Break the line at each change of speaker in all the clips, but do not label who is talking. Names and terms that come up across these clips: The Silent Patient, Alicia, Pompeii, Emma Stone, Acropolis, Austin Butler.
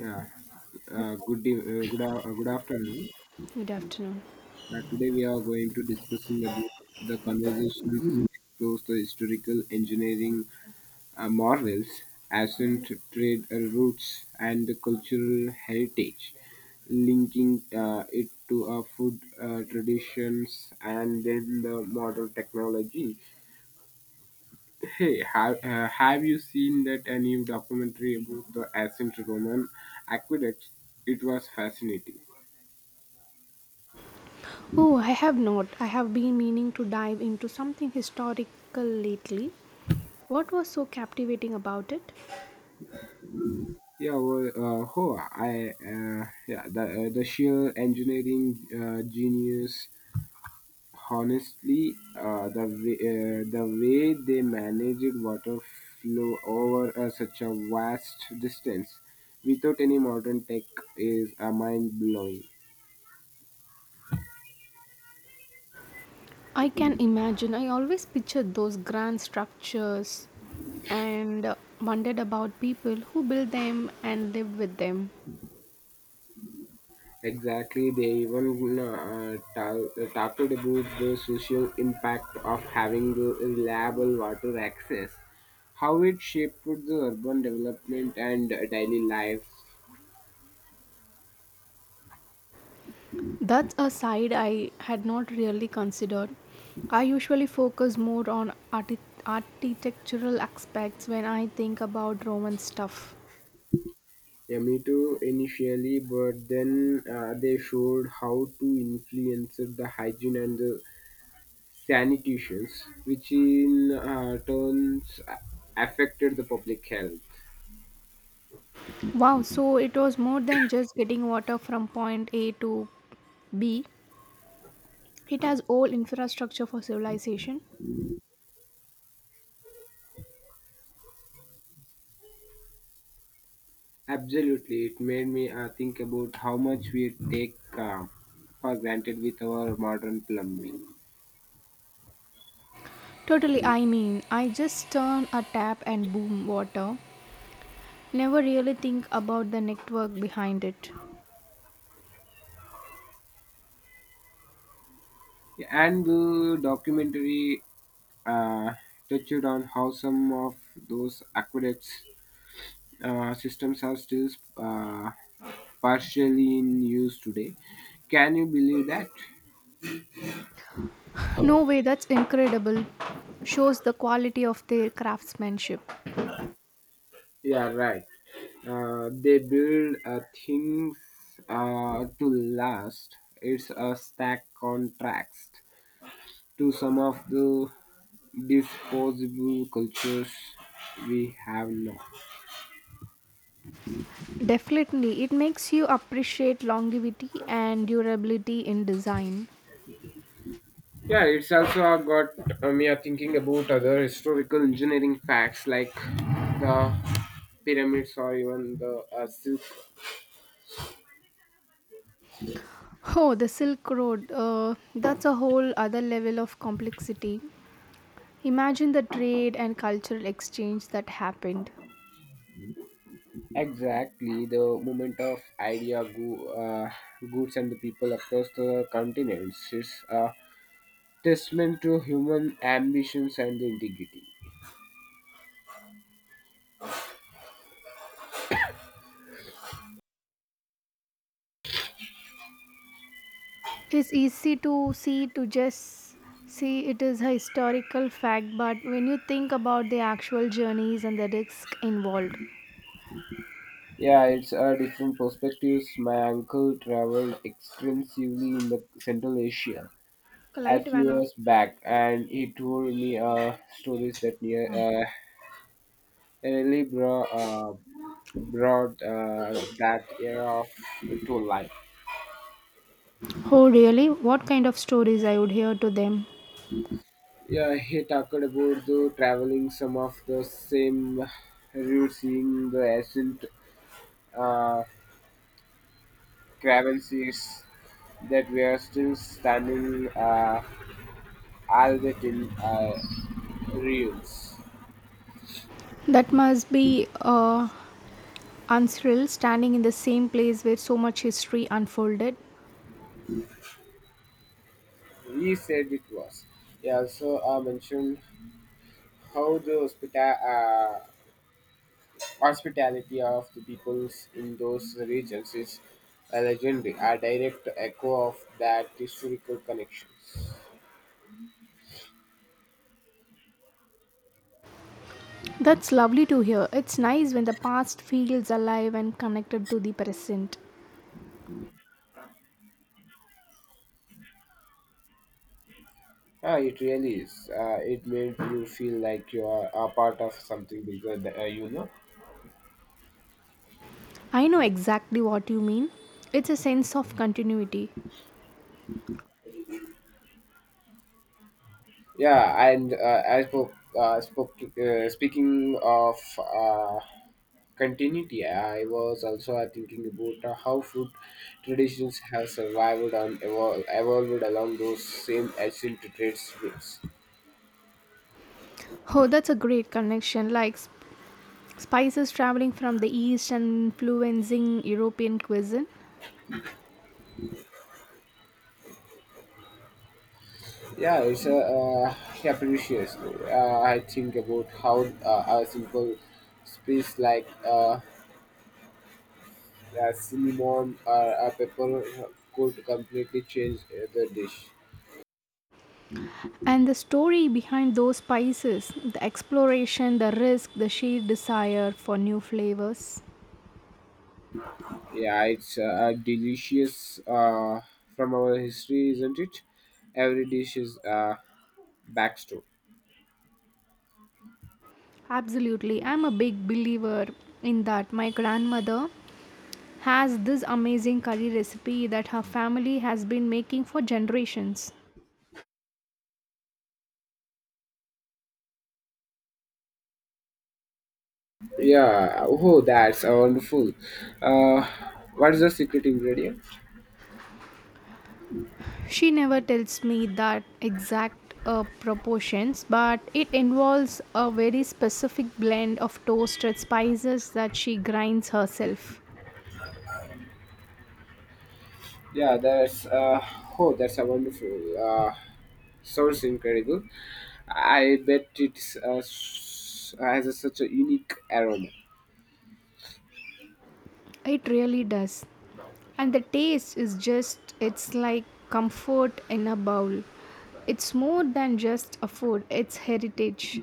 Yeah, good day, good afternoon.
Good afternoon.
Today we are going to discussing about the conversations explores the historical engineering morals, ancient trade routes, and the cultural heritage, linking it to our food traditions and then the modern technology. Hey, have you seen that a new documentary about the ancient Roman aqueducts? It was fascinating.
Oh, I have not. I have been meaning to dive into something historical lately. What was so captivating about it?
Yeah, well, Hoa, the sheer engineering genius, honestly, the way they managed water flow over such a vast distance without any modern tech is mind blowing.
I can imagine. I always pictured those grand structures and wondered about people who built them and lived with them.
Exactly, they even talked about the social impact of having the reliable water access, how it shaped the urban development and daily life.
That's a side I had not really considered. I usually focus more on architectural aspects when I think about Roman stuff.
Yeah, me too initially, but then they showed how to influence the hygiene and the sanitations, which in turns affected the public health.
Wow, so it was more than just getting water from point A to B. It has all infrastructure for civilization.
Absolutely, it made me think about how much we take for granted with our modern plumbing.
Totally, I mean, I just turn a tap and boom, water. Never really think about the network behind it.
Yeah, and the documentary uh, touched on how some of those aqueducts systems are still uh, partially in use today. Can you believe that?
No way, that's incredible. Shows the quality of their craftsmanship.
Yeah, right. They build things to last. It's a stack contract to some of the disposable cultures we have now.
Definitely, it makes you appreciate longevity and durability in design.
Yeah, it's also got me thinking about other historical engineering facts like the pyramids or even the silk.
Oh, the Silk Road. That's a whole other level of complexity. Imagine the trade and cultural exchange that happened.
Exactly, the movement of goods, and the people across the continents is a testament to human ambitions and the integrity.
It's easy to see to just see it is a historical fact, but when you think about the actual journeys and the risk involved.
Yeah, it's a different perspectives. My uncle traveled extensively in the Central Asia a
Light
few
Vanna.
years back, and he told me stories that really bro- uh, brought that era to life.
Oh, really? What kind of stories I would hear to them?
Yeah, he talked about the traveling some of the same routes, seeing the ancient uh, caravanseries that we are still standing. Albertine Reeves.
That must be unsurreal standing in the same place where so much history unfolded.
He said it was. He also mentioned how the uh, hospitality of the peoples in those regions is a legendary, a direct echo of that historical connections.
That's lovely to hear. It's nice when the past feels alive and connected to the present.
Ah, it really is. It made you feel like you are a part of something bigger, you know.
I know exactly what you mean. It's a sense of continuity.
Yeah, and I spoke, spoke speaking of continuity, I was also thinking about how food traditions have survived and evolved along those same ancient trade traits.
Oh, that's a great connection. Like spices traveling from the east and influencing European cuisine.
Yeah, precious. I think about how a simple species like cinnamon or a pepper could completely change the dish.
And the story behind those spices, the exploration, the risk, the sheer desire for new flavors.
Yeah, it's delicious from our history, isn't it? Every dish is backstory.
Absolutely. I'm a big believer in that. My grandmother has this amazing curry recipe that her family has been making for generations.
Yeah, oh, that's wonderful. Uh, what is the secret ingredient?
She never tells me that exact proportions, but it involves a very specific blend of toasted spices that she grinds herself.
Yeah, that's oh, that's a wonderful. Sounds incredible. I bet it's has a, such a unique aroma.
It really does. And the taste is just, it's like comfort in a bowl. It's more than just a food, it's heritage.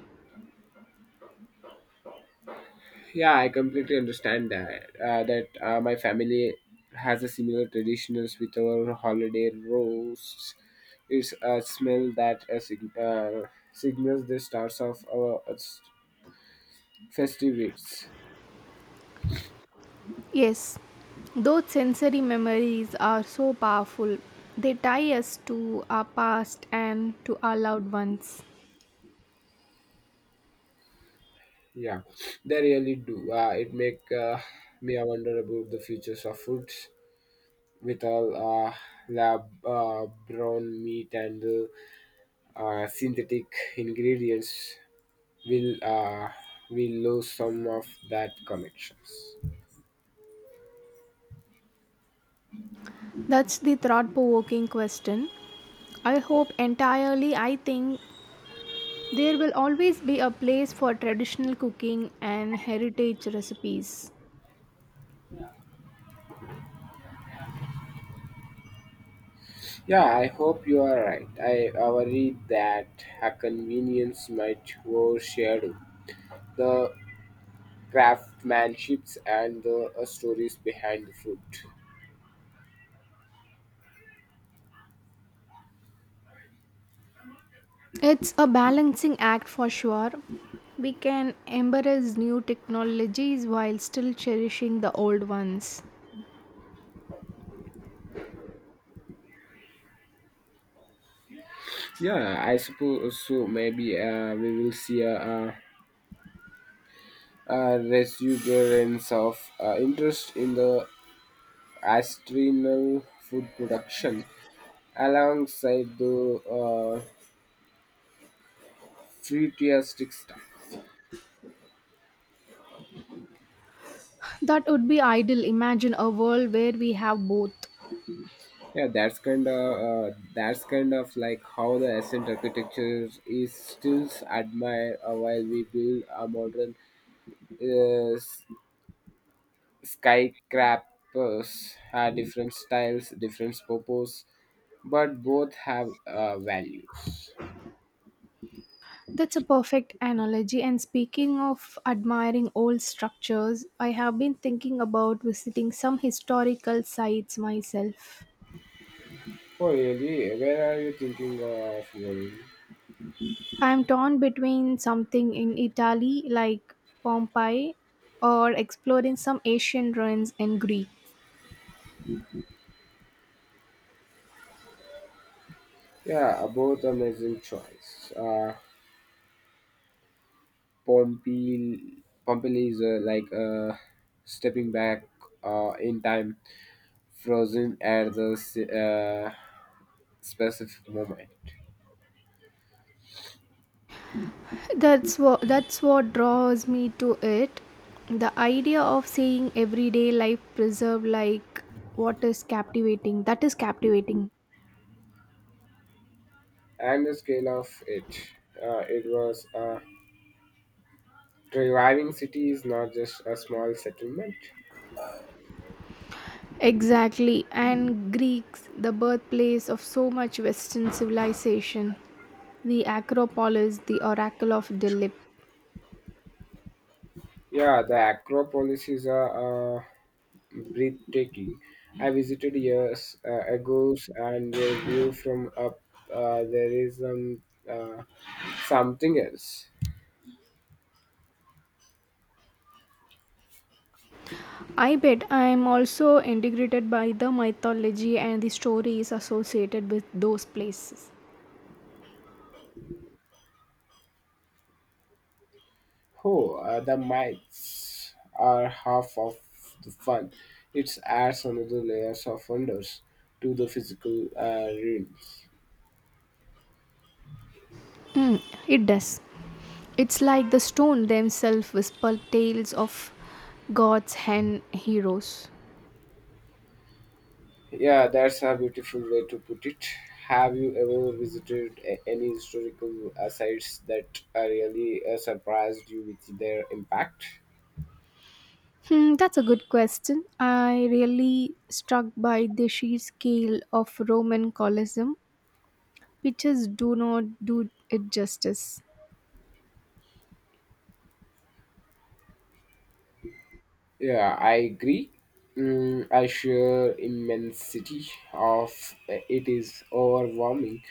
Yeah, I completely understand that. My family has a similar traditions with our holiday roasts. It's a smell that signals the starts of our festivities.
Yes, those sensory memories are so powerful. They tie us to our past and to our loved ones.
Yeah, they really do. It make me wonder about the futures of foods with all lab brown meat and synthetic ingredients we'll uh, we'll lose some of that connections.
That's the thought provoking question. I hope entirely. I think there will always be a place for traditional cooking and heritage recipes.
Yeah, I hope you are right. I worry that a convenience might overshadow the craftsmanships and the stories behind the food.
It's a balancing act for sure. We can embrace new technologies while still cherishing the old ones.
Yeah, I suppose so. Maybe we will see a resurgence of interest in the astrinal food production alongside the fruitistic stuff.
That would be ideal. Imagine a world where we have both.
Yeah, that's kind of like how the ancient architecture is still admired while we build a modern uh, s- skyscrapers. Have different styles, different purpose, but both have values.
That's a perfect analogy. And speaking of admiring old structures, I have been thinking about visiting some historical sites myself.
Oh really? Where are you thinking of going?
I'm torn between something in Italy like Pompeii or exploring some Asian ruins in Greece.
Yeah, both amazing choice. Pompeii is like stepping back in time frozen at the specific moment
That's what draws me to it. The idea of seeing everyday life preserved like what is captivating. That is captivating.
and the scale of it. It was a reviving city is not just a small settlement.
Exactly, and Greeks, the birthplace of so much Western civilization, the Acropolis, the Oracle of Delphi.
Yeah, the Acropolis is breathtaking. I visited years ago, and the view from up there is uh, something else.
I bet I am also integrated by the mythology and the stories associated with those places.
Oh, the mites are half of the fun. It adds another layers of wonders to the physical realm.
Hmm, it does. It's like the stone themselves whisper tales of gods and heroes.
Yeah, that's a beautiful way to put it. Have you ever visited any historical sites that really surprised you with their impact?
Hmm, that's a good question. I really struck by the sheer scale of Roman Colosseum. Pictures do not do it justice.
Yeah, I agree. Mm, I share immensity of it is overwhelming,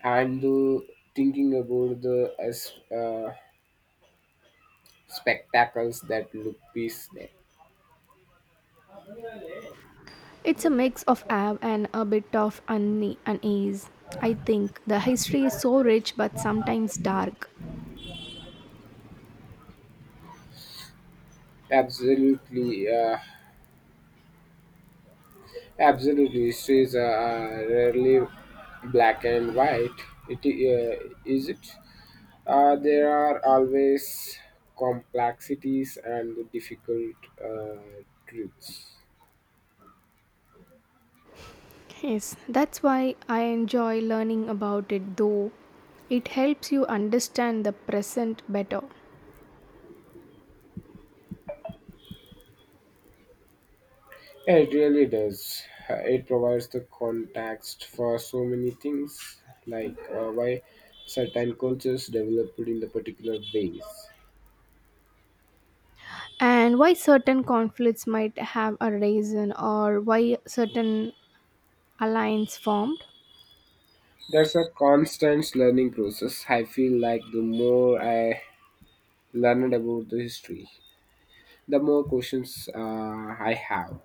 and thinking about the spectacles that look peace there.
It's a mix of awe and a bit of unease. I think the history is so rich but sometimes dark.
Absolutely, uh, absolutely. It is rarely black and white. It is it. There are always complexities and difficult truths.
Yes, that's why I enjoy learning about it though. It helps you understand the present better
It really does. It provides the context for so many things, like why certain cultures developed in the particular ways.
and why certain conflicts might have arisen or why certain alliance formed.
There's a constant learning process. I feel like the more I learned about the history, the more questions I have.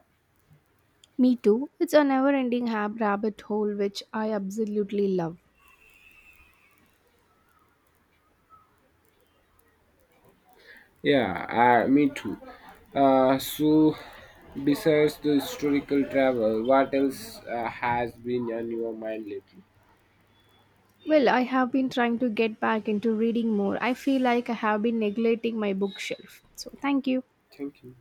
Me too. It's a never ending rabbit hole which I absolutely love.
Yeah, me too. So, besides the historical travel, what else has been on your mind lately?
Well, I have been trying to get back into reading more. I feel like I have been neglecting my bookshelf. So, thank you.
Thank you.